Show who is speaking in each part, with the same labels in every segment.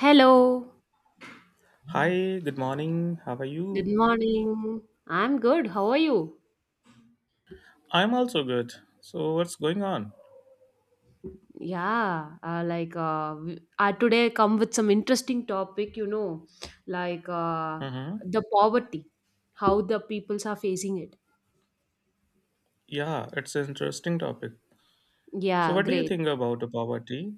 Speaker 1: Hello,
Speaker 2: Hi, good morning. How are
Speaker 1: good
Speaker 2: you?
Speaker 1: morning. I'm good. How are you?
Speaker 2: I'm also good. So, what's going on?
Speaker 1: I today come with some interesting topic, like uh,
Speaker 2: Mm-hmm.
Speaker 1: the poverty, how the peoples are facing it.
Speaker 2: Yeah, it's an interesting topic. So,
Speaker 1: Yeah,
Speaker 2: what do you
Speaker 1: great.
Speaker 2: think about the poverty?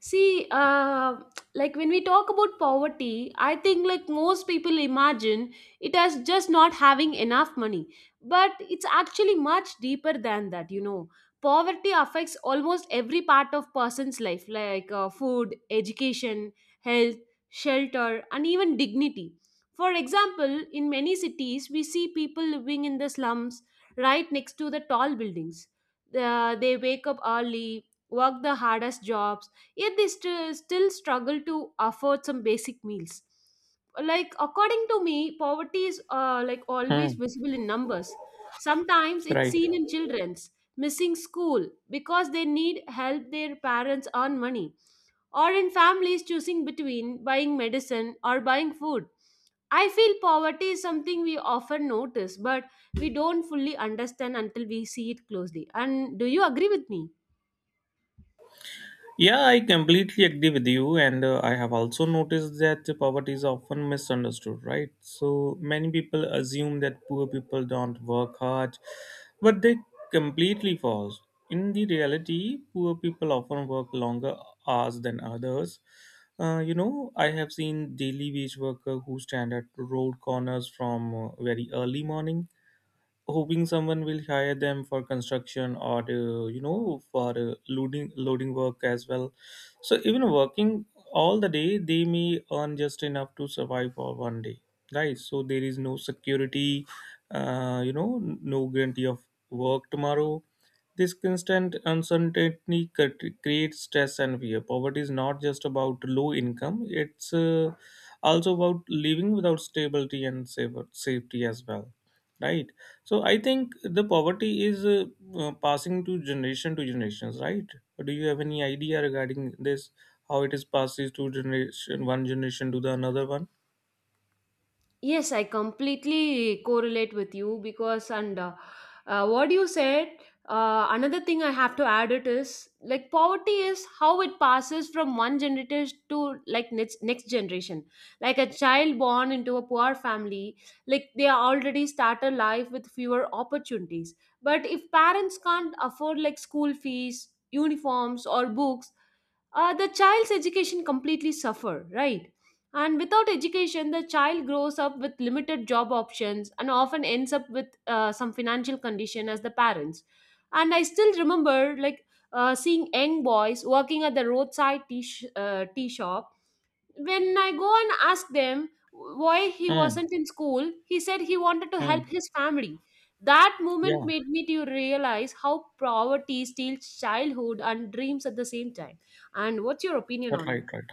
Speaker 1: See, uh, like when we talk about poverty, I think like most people imagine it as just not having enough money. But it's actually much deeper than that. Poverty affects almost every part of person's life, like food, education, health, shelter, and even dignity. For example, in many cities, we see people living in the slums right next to the tall buildings. They wake up early, work the hardest jobs yet they still struggle to afford some basic meals. Like according to me, poverty is like always
Speaker 2: Hmm.
Speaker 1: visible in numbers. Sometimes it's
Speaker 2: Right.
Speaker 1: seen in children's missing school because they need help their parents earn money, or in families choosing between buying medicine or buying food. I feel poverty is something we often notice, but we don't fully understand until we see it closely. And do you agree with me?
Speaker 2: Yeah, I completely agree with you, and I have also noticed that poverty is often misunderstood, right? So many people assume that poor people don't work hard, but they completely false. In the reality, poor people often work longer hours than others. You know, I have seen daily wage worker who stand at road corners from very early morning hoping someone will hire them for construction or you know for loading work as well, so even working all the day they may earn just enough to survive for one day, right? So there is no security, you know, no guarantee of work tomorrow. This constant uncertainty creates stress and fear. Poverty is not just about low income, it's also about living without stability and safety as well. Right? So I think the poverty is passing to generation to generations, right? Do you have any idea regarding this? How it is passes to generation one generation to the another one?
Speaker 1: Yes, I completely correlate with you because, and what you said, another thing I have to add it is like poverty is how it passes from one generation to like next generation. Like a child born into a poor family, like they are already start a life with fewer opportunities. But if parents can't afford like school fees, uniforms, or books, the child's education completely suffer, right? And without education, the child grows up with limited job options and often ends up with some financial condition as the parents. And I still remember like seeing young boys working at the roadside tea shop. When I go and ask them why he
Speaker 2: Hmm.
Speaker 1: wasn't in school, he said he wanted to help
Speaker 2: Hmm.
Speaker 1: his family. That moment
Speaker 2: Yeah.
Speaker 1: made me to realize how poverty steals childhood and dreams at the same time. And what's your opinion on
Speaker 2: Right.
Speaker 1: it?
Speaker 2: Right.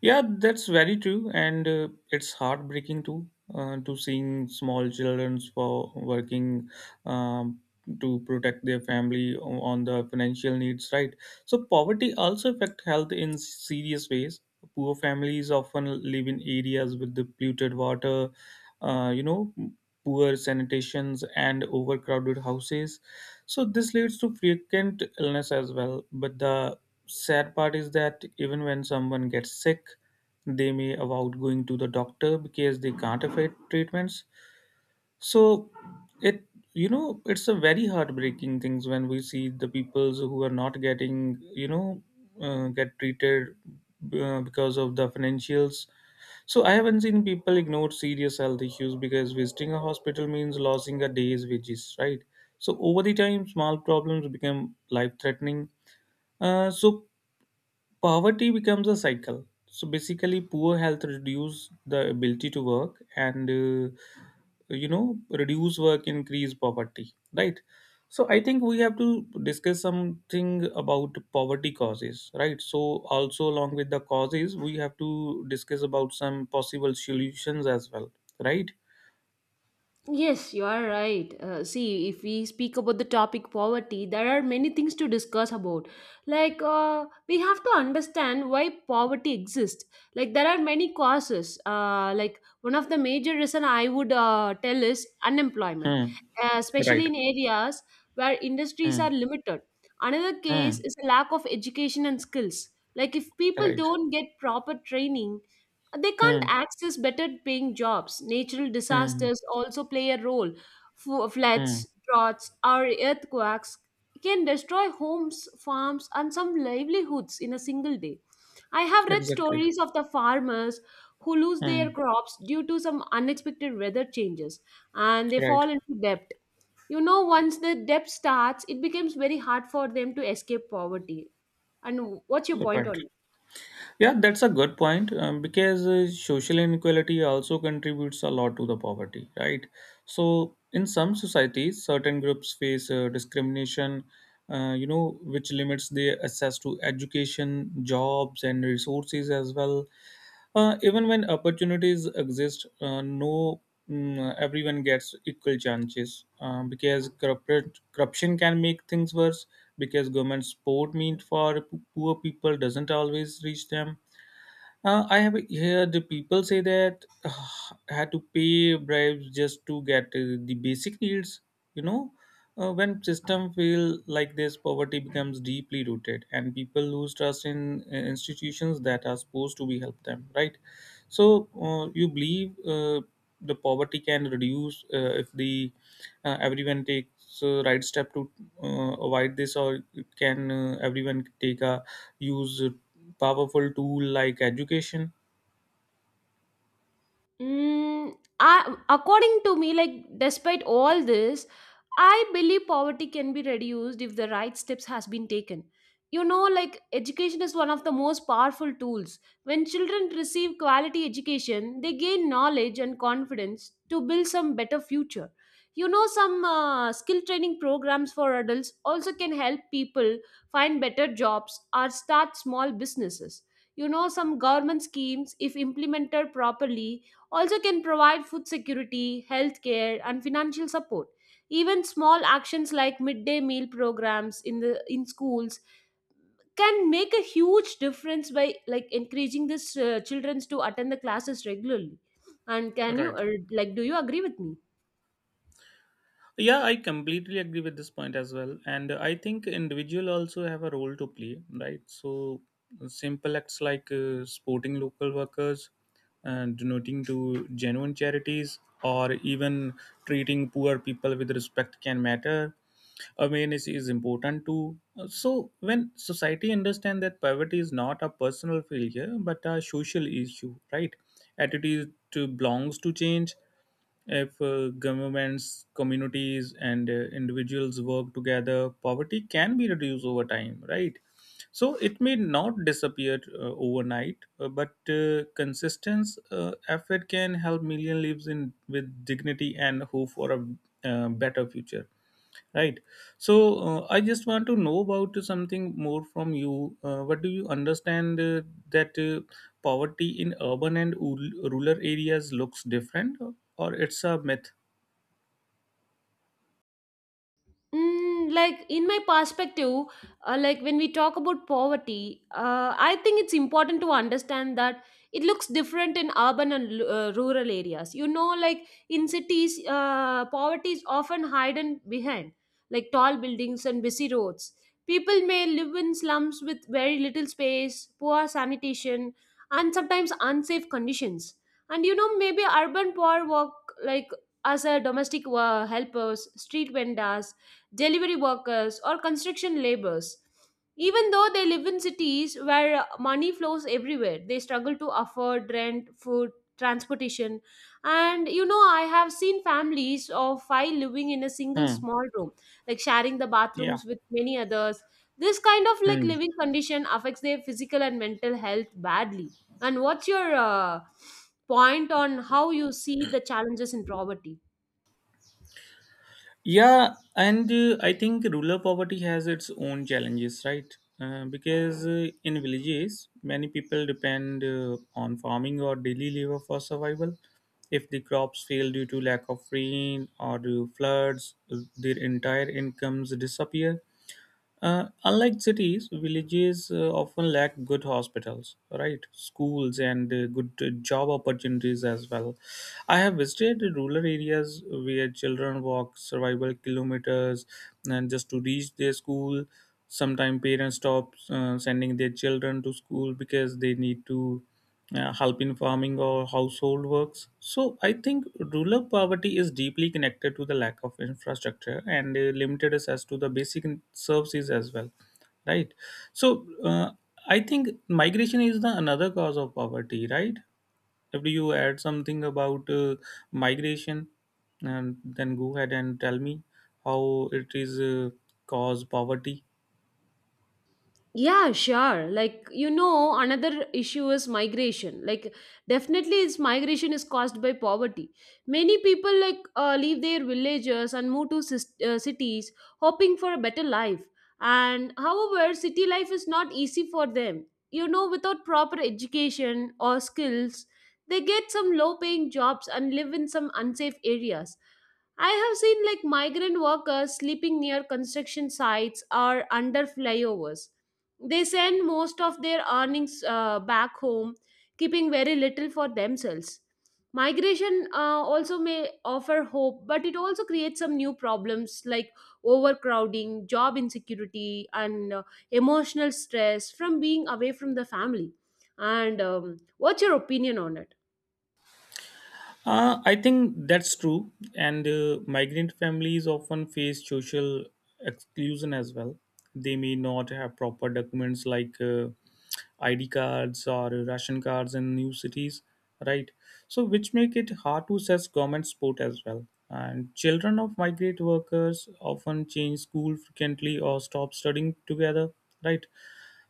Speaker 2: Yeah, that's very true, and it's heartbreaking too to seeing small children for working um, to protect their family on the financial needs. Right, so poverty also affect health in serious ways. Poor families often live in areas with the polluted water, you know, poor sanitations and overcrowded houses. So this leads to frequent illness as well. But the sad part is that even when someone gets sick, they may avoid going to the doctor because they can't afford treatments. So it, it's a very heartbreaking things when we see the peoples who are not getting, you know, get treated because of the financials. So I haven't seen people ignore serious health issues because visiting a hospital means losing a day's wages, right? So over the time, small problems become life-threatening. So poverty becomes a cycle, so basically poor health reduce the ability to work and, you know, reduce work increase poverty, right? So I think we have to discuss something about poverty causes, right? So also along with the causes we have to discuss about some possible solutions as well, right?
Speaker 1: Yes, you are right. See, if we speak about the topic poverty, there are many things to discuss about. Like, we have to understand why poverty exists. Like, there are many causes. Like, one of the major reason I would tell is unemployment,
Speaker 2: Hmm. Right.
Speaker 1: especially in areas where industries are
Speaker 2: Hmm.
Speaker 1: limited. Another case
Speaker 2: Hmm.
Speaker 1: is a lack of education and skills. Like, if people
Speaker 2: Right.
Speaker 1: don't get proper training, they can't
Speaker 2: Hmm.
Speaker 1: access better paying jobs. Natural
Speaker 2: Hmm.
Speaker 1: disasters also play a role.
Speaker 2: Hmm.
Speaker 1: Floods, droughts, or earthquakes can destroy homes, farms, and some livelihoods in a single day. I have read
Speaker 2: Exactly.
Speaker 1: stories of the farmers who lose their
Speaker 2: Hmm.
Speaker 1: crops due to some unexpected weather changes, and they
Speaker 2: Right.
Speaker 1: fall into debt. You know, once the debt starts, it becomes very hard for them to escape poverty. And what's your point
Speaker 2: Right.
Speaker 1: on
Speaker 2: Yeah, that's a good point, because social inequality also contributes a lot to the poverty, right? So, in some societies, certain groups face discrimination, you know, which limits their access to education, jobs, and resources as well. Even when opportunities exist, no mm, everyone gets equal chances, because corporate corruption can make things worse, because government support meant for poor people doesn't always reach them. I have heard the people say that had to pay bribes just to get the basic needs. You know, when system fail like this, poverty becomes deeply rooted, and people lose trust in institutions that are supposed to be help them. Right? So, you believe the poverty can reduce if the, everyone takes right step to avoid this, or can everyone take a use a powerful tool like education?
Speaker 1: According to me, like despite all this, I believe poverty can be reduced if the right steps has been taken. You know, like education is one of the most powerful tools. When children receive quality education, they gain knowledge and confidence to build some better future. You know, some skill training programs for adults also can help people find better jobs or start small businesses. You know, some government schemes, if implemented properly, also can provide food security, healthcare, and financial support. Even small actions like midday meal programs in the in schools can make a huge difference by like encouraging these children to attend the classes regularly. And can you
Speaker 2: Right.
Speaker 1: like do you agree with me?
Speaker 2: Yeah, I completely agree with this point as well. And I think individual also have a role to play, right? So simple acts like supporting local workers, donating to genuine charities, or even treating poor people with respect can matter. Awareness is important too. So when society understand that poverty is not a personal failure but a social issue, right? Attitude to belongs to change if governments, communities, and individuals work together, poverty can be reduced over time, right? So it may not disappear overnight, but consistent effort can help million lives in with dignity and hope for a better future. Right. So I just want to know about something more from you. What do you understand that poverty in urban and rural areas looks different, or it's a myth?
Speaker 1: Like in my perspective, like when we talk about poverty, I think it's important to understand that it looks different in urban and rural areas. You know, like in cities, poverty is often hidden behind, like tall buildings and busy roads. People may live in slums with very little space, poor sanitation, and sometimes unsafe conditions. And you know, maybe urban poor work like as a domestic helpers, street vendors, delivery workers, or construction laborers. Even though they live in cities where money flows everywhere, they struggle to afford rent, food, transportation. And you know, I have seen families of five living in a single
Speaker 2: Hmm.
Speaker 1: small room, like sharing the
Speaker 2: Yeah.
Speaker 1: bathrooms with many others. This kind of like
Speaker 2: Hmm.
Speaker 1: living condition affects their physical and mental health badly. And what's your point on how you see the challenges in poverty?
Speaker 2: Yeah, and I think rural poverty has its own challenges, right? Because in villages, many people depend on farming or daily labor for survival. If the crops fail due to lack of rain or due to floods, their entire incomes disappear. Unlike cities, villages often lack good hospitals, right? Schools and good job opportunities as well. I have visited rural areas where children walk survival kilometers and just to reach their school. Sometimes parents stop sending their children to school because they need to help in farming or household works. So I think rural poverty is deeply connected to the lack of infrastructure and limited access to the basic services as well, right? So I think migration is the another cause of poverty, right? After you add something about migration, and then go ahead and tell me how it is cause poverty.
Speaker 1: Yeah, sure. Like, you know, another issue is migration. Like, definitely, it's migration is caused by poverty. Many people like leave their villages and move to cities, hoping for a better life. And however, city life is not easy for them. You know, without proper education or skills, they get some low-paying jobs and live in some unsafe areas. I have seen like migrant workers sleeping near construction sites or under flyovers. They send most of their earnings back home, keeping very little for themselves. Migration also may offer hope, but it also creates some new problems like overcrowding, job insecurity, and emotional stress from being away from the family. And what's your opinion on it?
Speaker 2: I think that's true, and migrant families often face social exclusion as well. They may not have proper documents like ID cards or ration cards in new cities, right? So, which make it hard to assess government support as well. And children of migrant workers often change school frequently or stop studying together, right?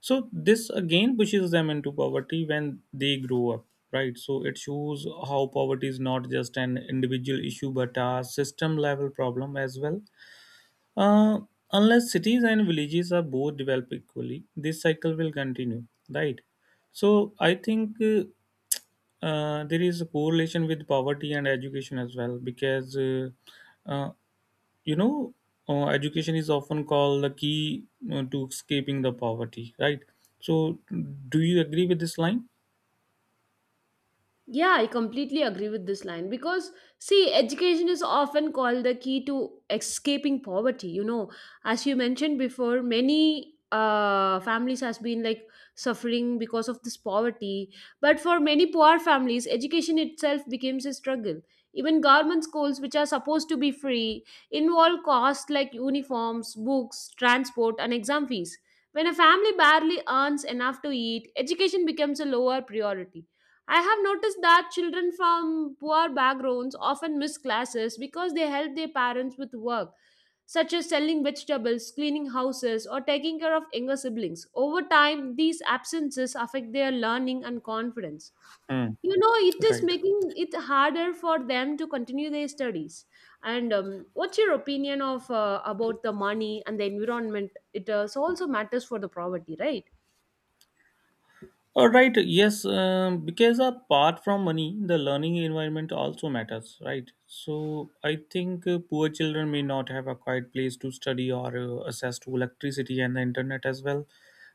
Speaker 2: So this again pushes them into poverty when they grow up, right? So it shows how poverty is not just an individual issue but a system level problem as well. Uh, Unless cities and villages are both developed equally, this cycle will continue, right? So I think there is a correlation with poverty and education as well, because uh, you know, education is often called the key to escaping the poverty, right? So do you agree with this line?
Speaker 1: Yeah, I completely agree with this line because, see, education is often called the key to escaping poverty. You know, as you mentioned before, many families has been like suffering because of this poverty. But for many poor families, education itself becomes a struggle. Even government schools, which are supposed to be free, involve costs like uniforms, books, transport, and exam fees. When a family barely earns enough to eat, education becomes a lower priority. I have noticed that children from poor backgrounds often miss classes because they help their parents with work, such as selling vegetables, cleaning houses, or taking care of younger siblings. Over time, these absences affect their learning and confidence.
Speaker 2: Hmm.
Speaker 1: You know, it is
Speaker 2: Right.
Speaker 1: making it harder for them to continue their studies. And what's your opinion of about the money and the environment? It so also matters for the poverty, right?
Speaker 2: All right, yes, because apart from money, the learning environment also matters, right? So I think poor children may not have a quiet place to study or access to electricity and the internet as well.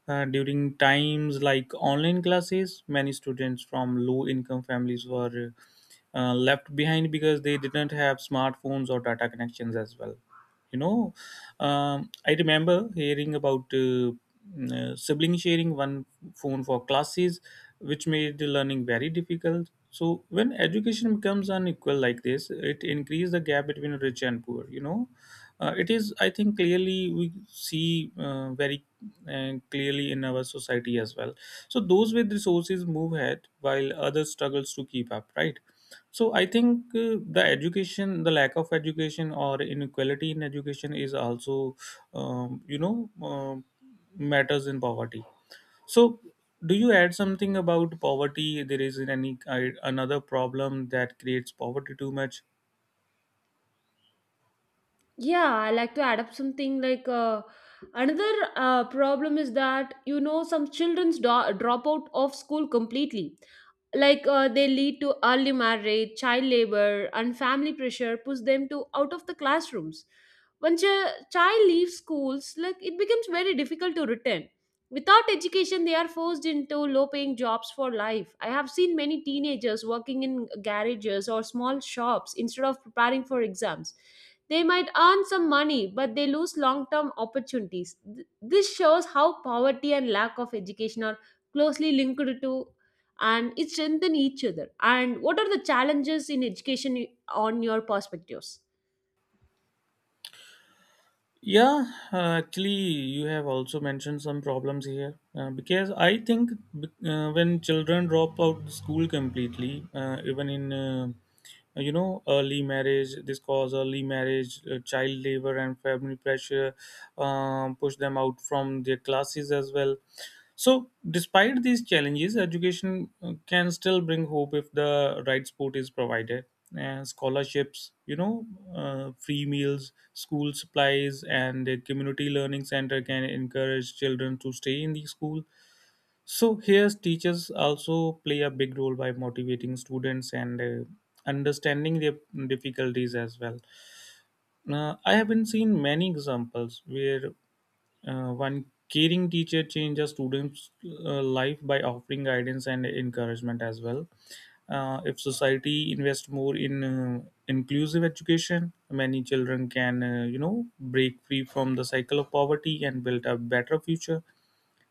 Speaker 2: During times like online classes, many students from low income families were left behind because they didn't have smartphones or data connections as well, you know. I remember hearing about sibling sharing one phone for classes, which made the learning very difficult. So when education becomes unequal like this, it increases the gap between rich and poor. You know. It is, I think, clearly we see very clearly in our society as well. So those with resources move ahead while others struggles to keep up, right? So I think the education, the lack of education or inequality in education is also, you know, matters in poverty. So do you add something about poverty? There is any another problem that creates poverty too much?
Speaker 1: Yeah, I like to add up something like another problem is that you know some children's drop out of school completely. Like they lead to early marriage, child labor, and family pressure push them to out of the classrooms. Once a child leaves schools, like it becomes very difficult to return. Without education, they are forced into low-paying jobs for life. I have seen many teenagers working in garages or small shops instead of preparing for exams. They might earn some money, but they lose long term opportunities. This shows how poverty and lack of education are closely linked to, and it strengthen each other. And what are the challenges in education on your perspectives?
Speaker 2: Yeah, actually, you have also mentioned some problems here because I think when children drop out school completely, even in you know, early marriage, this cause early marriage, child labor, and family pressure push them out from their classes as well. So, despite these challenges, education can still bring hope if the right support is provided. And scholarships, you know, free meals, school supplies, and a community learning center can encourage children to stay in the school. So, here teachers also play a big role by motivating students and understanding their difficulties as well. I have been seen many examples where one caring teacher changes a student's life by offering guidance and encouragement as well. If society invests more in inclusive education, many children can, you know, break free from the cycle of poverty and build a better future.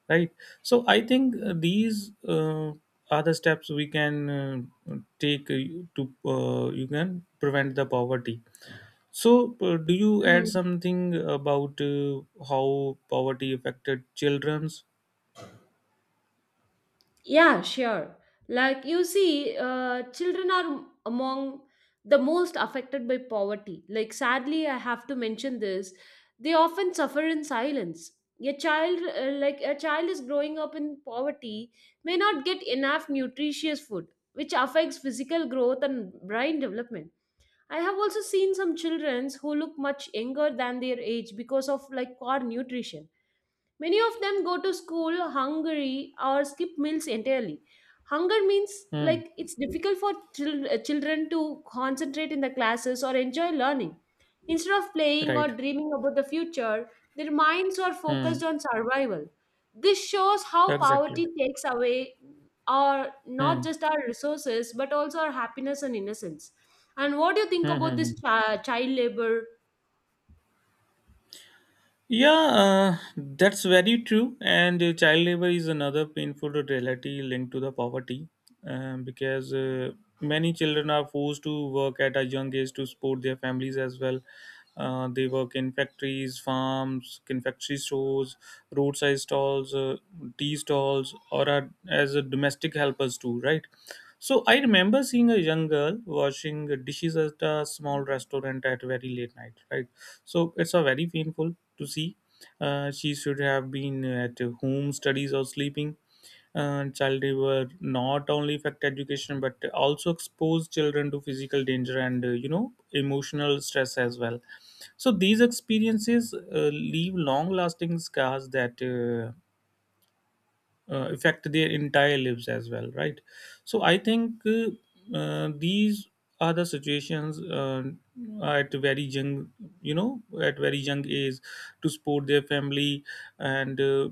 Speaker 2: Right. So I think these are the steps we can take to you can prevent the poverty. So, do you add
Speaker 1: Hmm.
Speaker 2: something about how poverty affected children's?
Speaker 1: Yeah, sure. Like you see, children are among the most affected by poverty. Like, sadly, I have to mention this. They often suffer in silence. A child, is growing up in poverty, may not get enough nutritious food, which affects physical growth and brain development. I have also seen some children who look much younger than their age because of like poor nutrition. Many of them go to school hungry or skip meals entirely. Hunger means
Speaker 2: Hmm.
Speaker 1: like it's difficult for children to concentrate in the classes or enjoy learning. Instead of playing or
Speaker 2: Right.
Speaker 1: dreaming about the future, their minds are
Speaker 2: Hmm.
Speaker 1: focused on survival. This shows how poverty
Speaker 2: Exactly.
Speaker 1: takes away our, not
Speaker 2: Hmm.
Speaker 1: just our resources but also our happiness and innocence. And what do you think
Speaker 2: Hmm.
Speaker 1: about
Speaker 2: Hmm.
Speaker 1: this
Speaker 2: Hmm.
Speaker 1: child labor?
Speaker 2: Yeah, that's very true. And child labor is another painful reality linked to the poverty, because many children are forced to work at a young age to support their families as well. They work in factories, farms, confectionery stores, roadside stalls, tea stalls, or are, as a domestic helpers too, right? So I remember seeing a young girl washing dishes at a small restaurant at very late night, right? So it's a very painful to see. She should have been at home studies or sleeping. Child labor not only affect education but also expose children to physical danger and, you know, emotional stress as well. So these experiences leave long-lasting scars that affect their entire lives as well, right? So I think these are the situations at very young you know at very young age to support their family and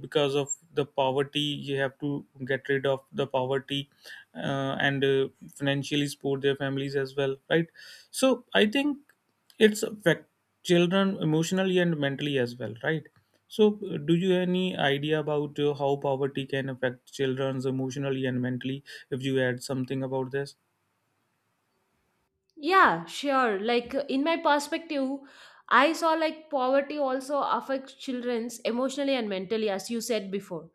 Speaker 2: because of the poverty. You have to get rid of the poverty and financially support their families as well, right? So I think it's affect children emotionally and mentally as well, right? So, do you any idea about how poverty can affect children's emotionally and mentally? If you add something about this,
Speaker 1: Yeah, sure. Like in my perspective, I saw like poverty also affects children's emotionally and mentally, as you said before.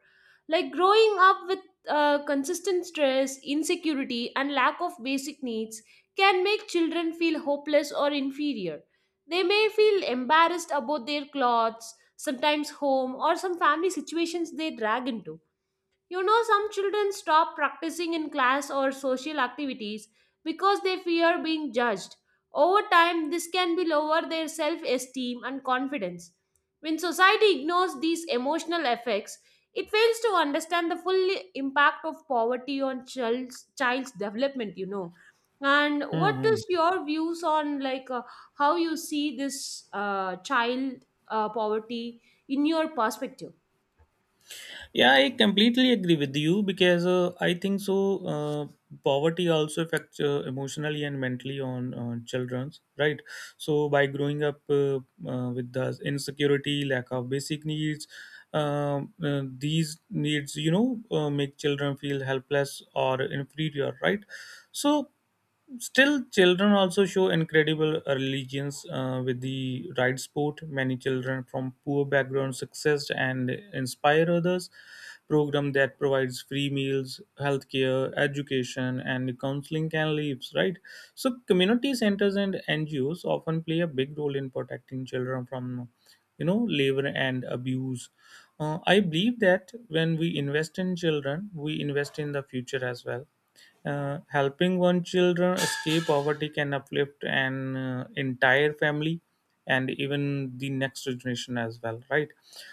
Speaker 1: Like growing up with consistent stress, insecurity, and lack of basic needs can make children feel hopeless or inferior. They may feel embarrassed about their clothes, sometimes home, or some family situations they drag into. You know, some children stop practicing in class or social activities because they fear being judged. Over time, this can be lower their self esteem and confidence. When society ignores these emotional effects, it fails to understand the full impact of poverty on child's development, you know. And what
Speaker 2: hmm.
Speaker 1: is your views on like how you see this child poverty in your perspective?
Speaker 2: Yeah, I completely agree with you because I think so. Poverty also affects emotionally and mentally on childrens, right? So, by growing up with the insecurity, lack of basic needs, these needs, make children feel helpless or inferior, right? So still, children also show incredible religions with the right sport. Many children from poor backgrounds success and inspire others. Program that provides free meals, healthcare, education, and counseling can leave, right? So, community centers and NGOs often play a big role in protecting children from, labor and abuse. I believe that when we invest in children, we invest in the future as well. Uh, Helping one children escape poverty can uplift an entire family and even the next generation as well, right?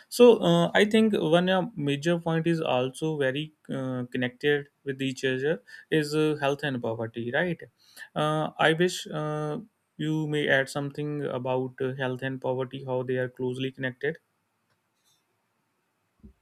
Speaker 2: So I think one major point is also very connected with each other is health and poverty, right? Uh, i wish uh, you may add something about health and poverty, how they are closely connected.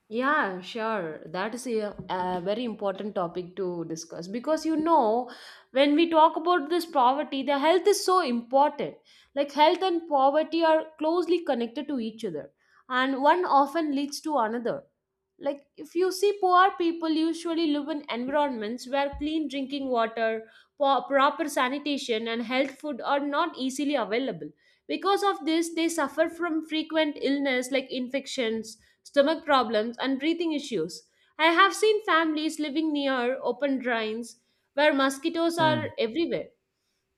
Speaker 1: Yeah, sure. That is a very important topic to discuss because you know, when we talk about this poverty, the health is so important. Like, health and poverty are closely connected to each other, and one often leads to another. Like, if you see, poor people usually live in environments where clean drinking water, proper sanitation, and health food are not easily available. Because of this, they suffer from frequent illness like infections, stomach problems, and breathing issues. I have seen families living near open drains where mosquitoes are
Speaker 2: Hmm.
Speaker 1: everywhere.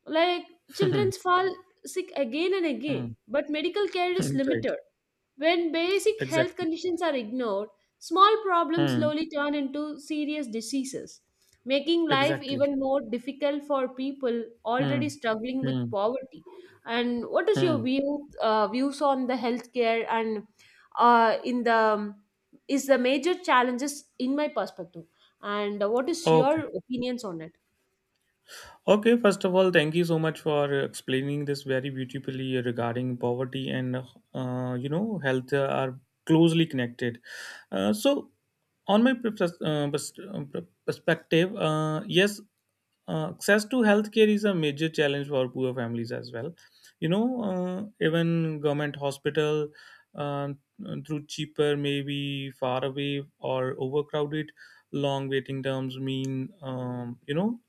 Speaker 1: Like, children fall sick again and
Speaker 2: Hmm.
Speaker 1: again,
Speaker 2: Hmm.
Speaker 1: but medical care is
Speaker 2: Right.
Speaker 1: limited. When basic health
Speaker 2: Exactly.
Speaker 1: conditions are ignored, small problems
Speaker 2: Hmm.
Speaker 1: slowly turn into serious diseases, making life
Speaker 2: Exactly.
Speaker 1: even more difficult for people already
Speaker 2: Hmm.
Speaker 1: struggling with
Speaker 2: Hmm.
Speaker 1: poverty. And what is your
Speaker 2: Hmm.
Speaker 1: views on the healthcare and in the is the major challenges in my perspective? And what is
Speaker 2: Okay.
Speaker 1: your opinions on it?
Speaker 2: Okay, first of all, thank you so much for explaining this very beautifully regarding poverty and health are closely connected. Uh, so, on my perspective, yes, access to healthcare is a major challenge for poor families as well. You know, even government hospital uh, through cheaper, maybe far away or overcrowded, long waiting terms mean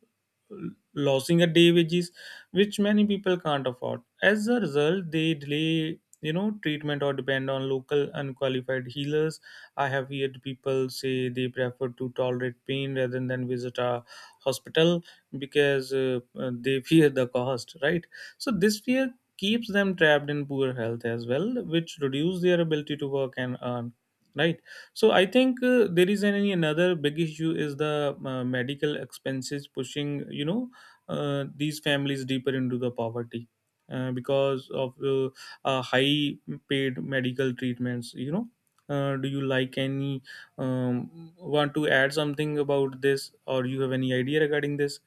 Speaker 2: losing a day wages, which many people can't afford. As a result, they delay treatment or depend on local unqualified healers. I have heard people say they prefer to tolerate pain rather than visit a hospital because they fear the cost, right? So this fear keeps them trapped in poor health as well, which reduce their ability to work and earn, right? So I think there is any another big issue is the medical expenses pushing these families deeper into the poverty because of high paid medical treatments. Do you like any want to add something about this or you have any idea regarding this?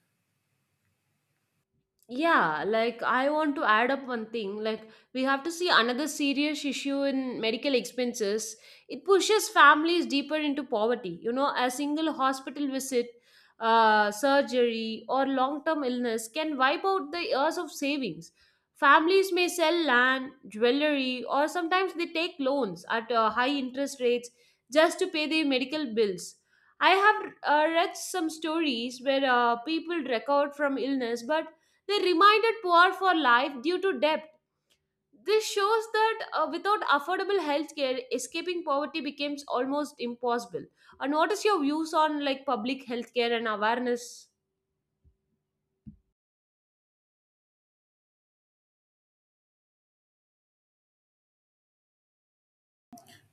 Speaker 1: Yeah, like I want to add up one thing. Like, we have to see another serious issue in medical expenses. It pushes families deeper into poverty. You know, a single hospital visit, surgery, or long term illness can wipe out the years of savings. Families may sell land, jewelry, or sometimes they take loans at high interest rates just to pay their medical bills. I have read some stories where people recovered from illness, but they reminded poor for life due to debt. This shows that without affordable healthcare, escaping poverty becomes almost impossible. And what is your views on like public healthcare and awareness?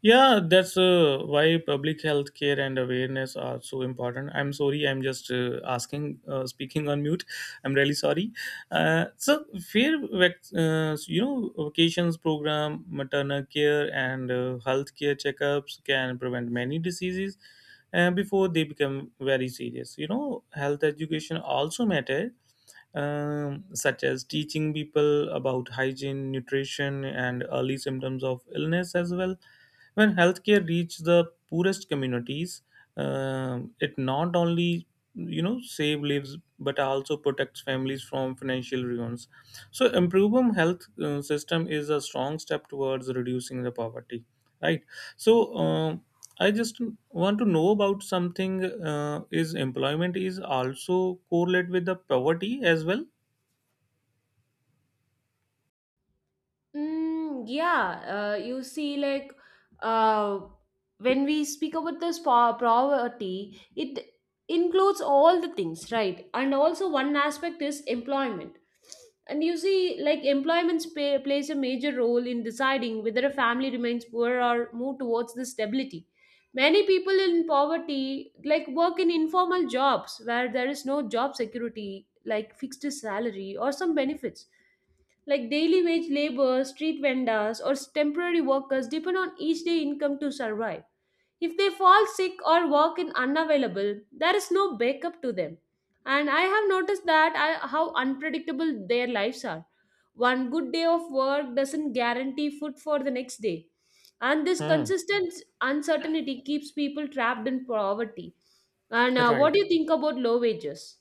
Speaker 2: Yeah, that's why public health care and awareness are so important. I'm sorry, I'm just asking, speaking on mute. I'm really sorry. Fair, vacations program, maternal care, and health care checkups can prevent many diseases before they become very serious. You know, health education also matters, such as teaching people about hygiene, nutrition, and early symptoms of illness as well. When healthcare reaches the poorest communities, it not only save lives but also protects families from financial ruins. So, improving health system is a strong step towards reducing the poverty, right? So, I just want to know about something. Is employment is also correlate with the poverty as well?
Speaker 1: Mm, yeah, you see, like, uh, when we speak about this poverty, it includes all the things, right? And also, one aspect is employment. And you see, like, employment spa plays a major role in deciding whether a family remains poor or move towards the stability. Many people in poverty, like, work in informal jobs where there is no job security, like fixed salary or some benefits like daily wage laborers, street vendors, or temporary workers depend on each day income to survive. If they fall sick or work in unavailable, there is no backup to them. And I have noticed that I, how unpredictable their lives are. One good day of work doesn't guarantee food for the next day. And this
Speaker 2: Hmm.
Speaker 1: consistent uncertainty keeps people trapped in poverty. And what
Speaker 2: Right.
Speaker 1: do you think about low wages?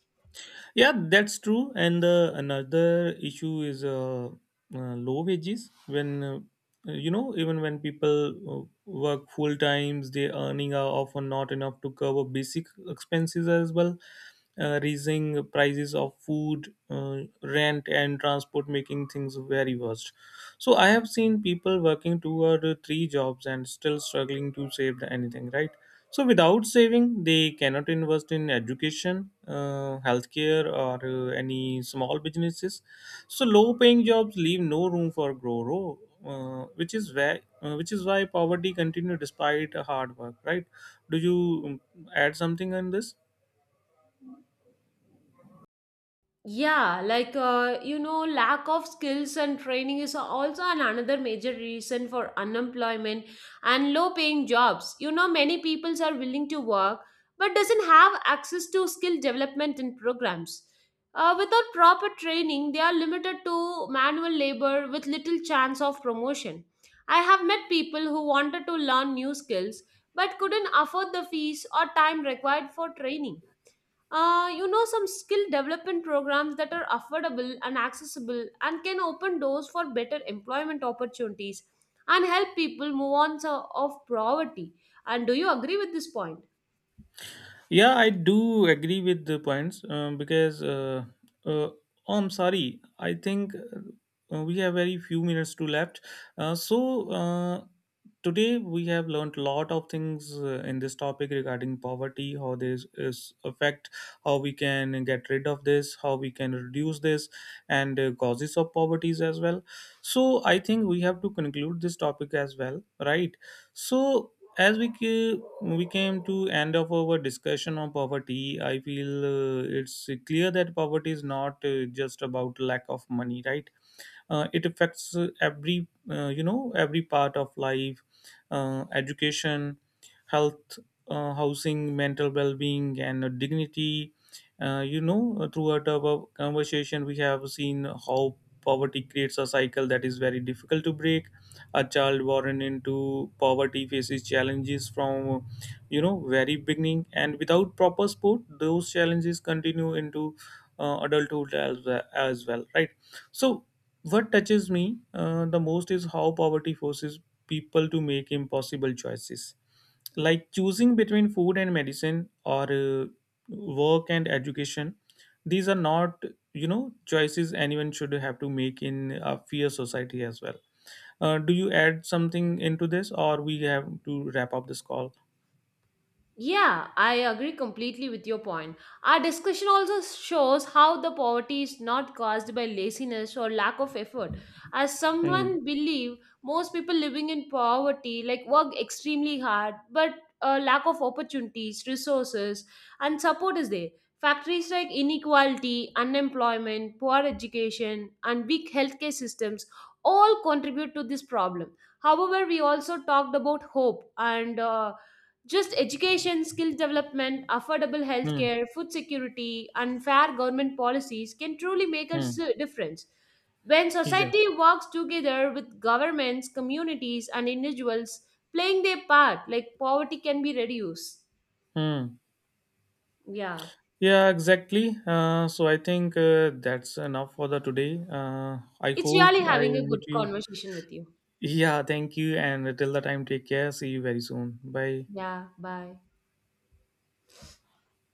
Speaker 2: Yeah, that's true. And another issue is low wages. When even when people work full times, their earning are often not enough to cover basic expenses as well. Raising prices of food, rent, and transport, making things very worst. So I have seen people working two or three jobs and still struggling to save anything. Right, so without saving, they cannot invest in education, healthcare, or any small businesses. So low-paying jobs leave no room for growth, which is why poverty continues despite hard work. Right? Do you add something on this?
Speaker 1: Yeah, like you know, lack of skills and training is also an another major reason for unemployment and low-paying jobs. You know, many peoples are willing to work but doesn't have access to skill development and programs. Without proper training, they are limited to manual labor with little chance of promotion. I have met people who wanted to learn new skills but couldn't afford the fees or time required for training. You know, some skill development programs that are affordable and accessible and can open doors for better employment opportunities and help people move of poverty. And do you agree with this point?
Speaker 2: Yeah, I do agree with the points uh, oh, I'm sorry. I think we have very few minutes to left. Uh, so uh, today we have learned a lot of things in this topic regarding poverty, how this is affect, how we can get rid of this, how we can reduce this, and causes of poverties as well. So I think we have to conclude this topic as well, right? So as we came to end of our discussion on poverty, I feel it's clear that poverty is not just about lack of money, right? It affects every every part of life, education, health, housing, mental well-being, and dignity. Throughout our conversation, we have seen how poverty creates a cycle that is very difficult to break. A child born into poverty faces challenges from, very beginning, and without proper support, those challenges continue into adulthood as, well, as well, right? So what touches me the most is how poverty forces people to make impossible choices, like choosing between food and medicine or work and education. These are not, choices anyone should have to make in a fair society as well. Do you add something into this, or we have to wrap up this call?
Speaker 1: Yeah, I agree completely with your point. Our discussion also shows how the poverty is not caused by laziness or lack of effort. As
Speaker 2: Hmm.
Speaker 1: someone believe, most people living in poverty like work extremely hard, but a lack of opportunities, resources, and support is there. Factories like inequality, unemployment, poor education, and weak healthcare systems all contribute to this problem. However, we also talked about hope and just education, skill development, affordable
Speaker 2: Hmm.
Speaker 1: healthcare, food security, and fair government policies can truly make a
Speaker 2: Hmm.
Speaker 1: difference. When
Speaker 2: Yeah.
Speaker 1: society works together with governments, communities, and individuals playing their part, like poverty can be reduced.
Speaker 2: Hmm.
Speaker 1: Yeah.
Speaker 2: Yeah, exactly. So I think that's enough for the today. I
Speaker 1: It's
Speaker 2: hope
Speaker 1: really
Speaker 2: I
Speaker 1: having a good
Speaker 2: meet you.
Speaker 1: conversation with you.
Speaker 2: Yeah, thank you. And till the time, take care. See you very soon. Bye.
Speaker 1: Yeah. Bye.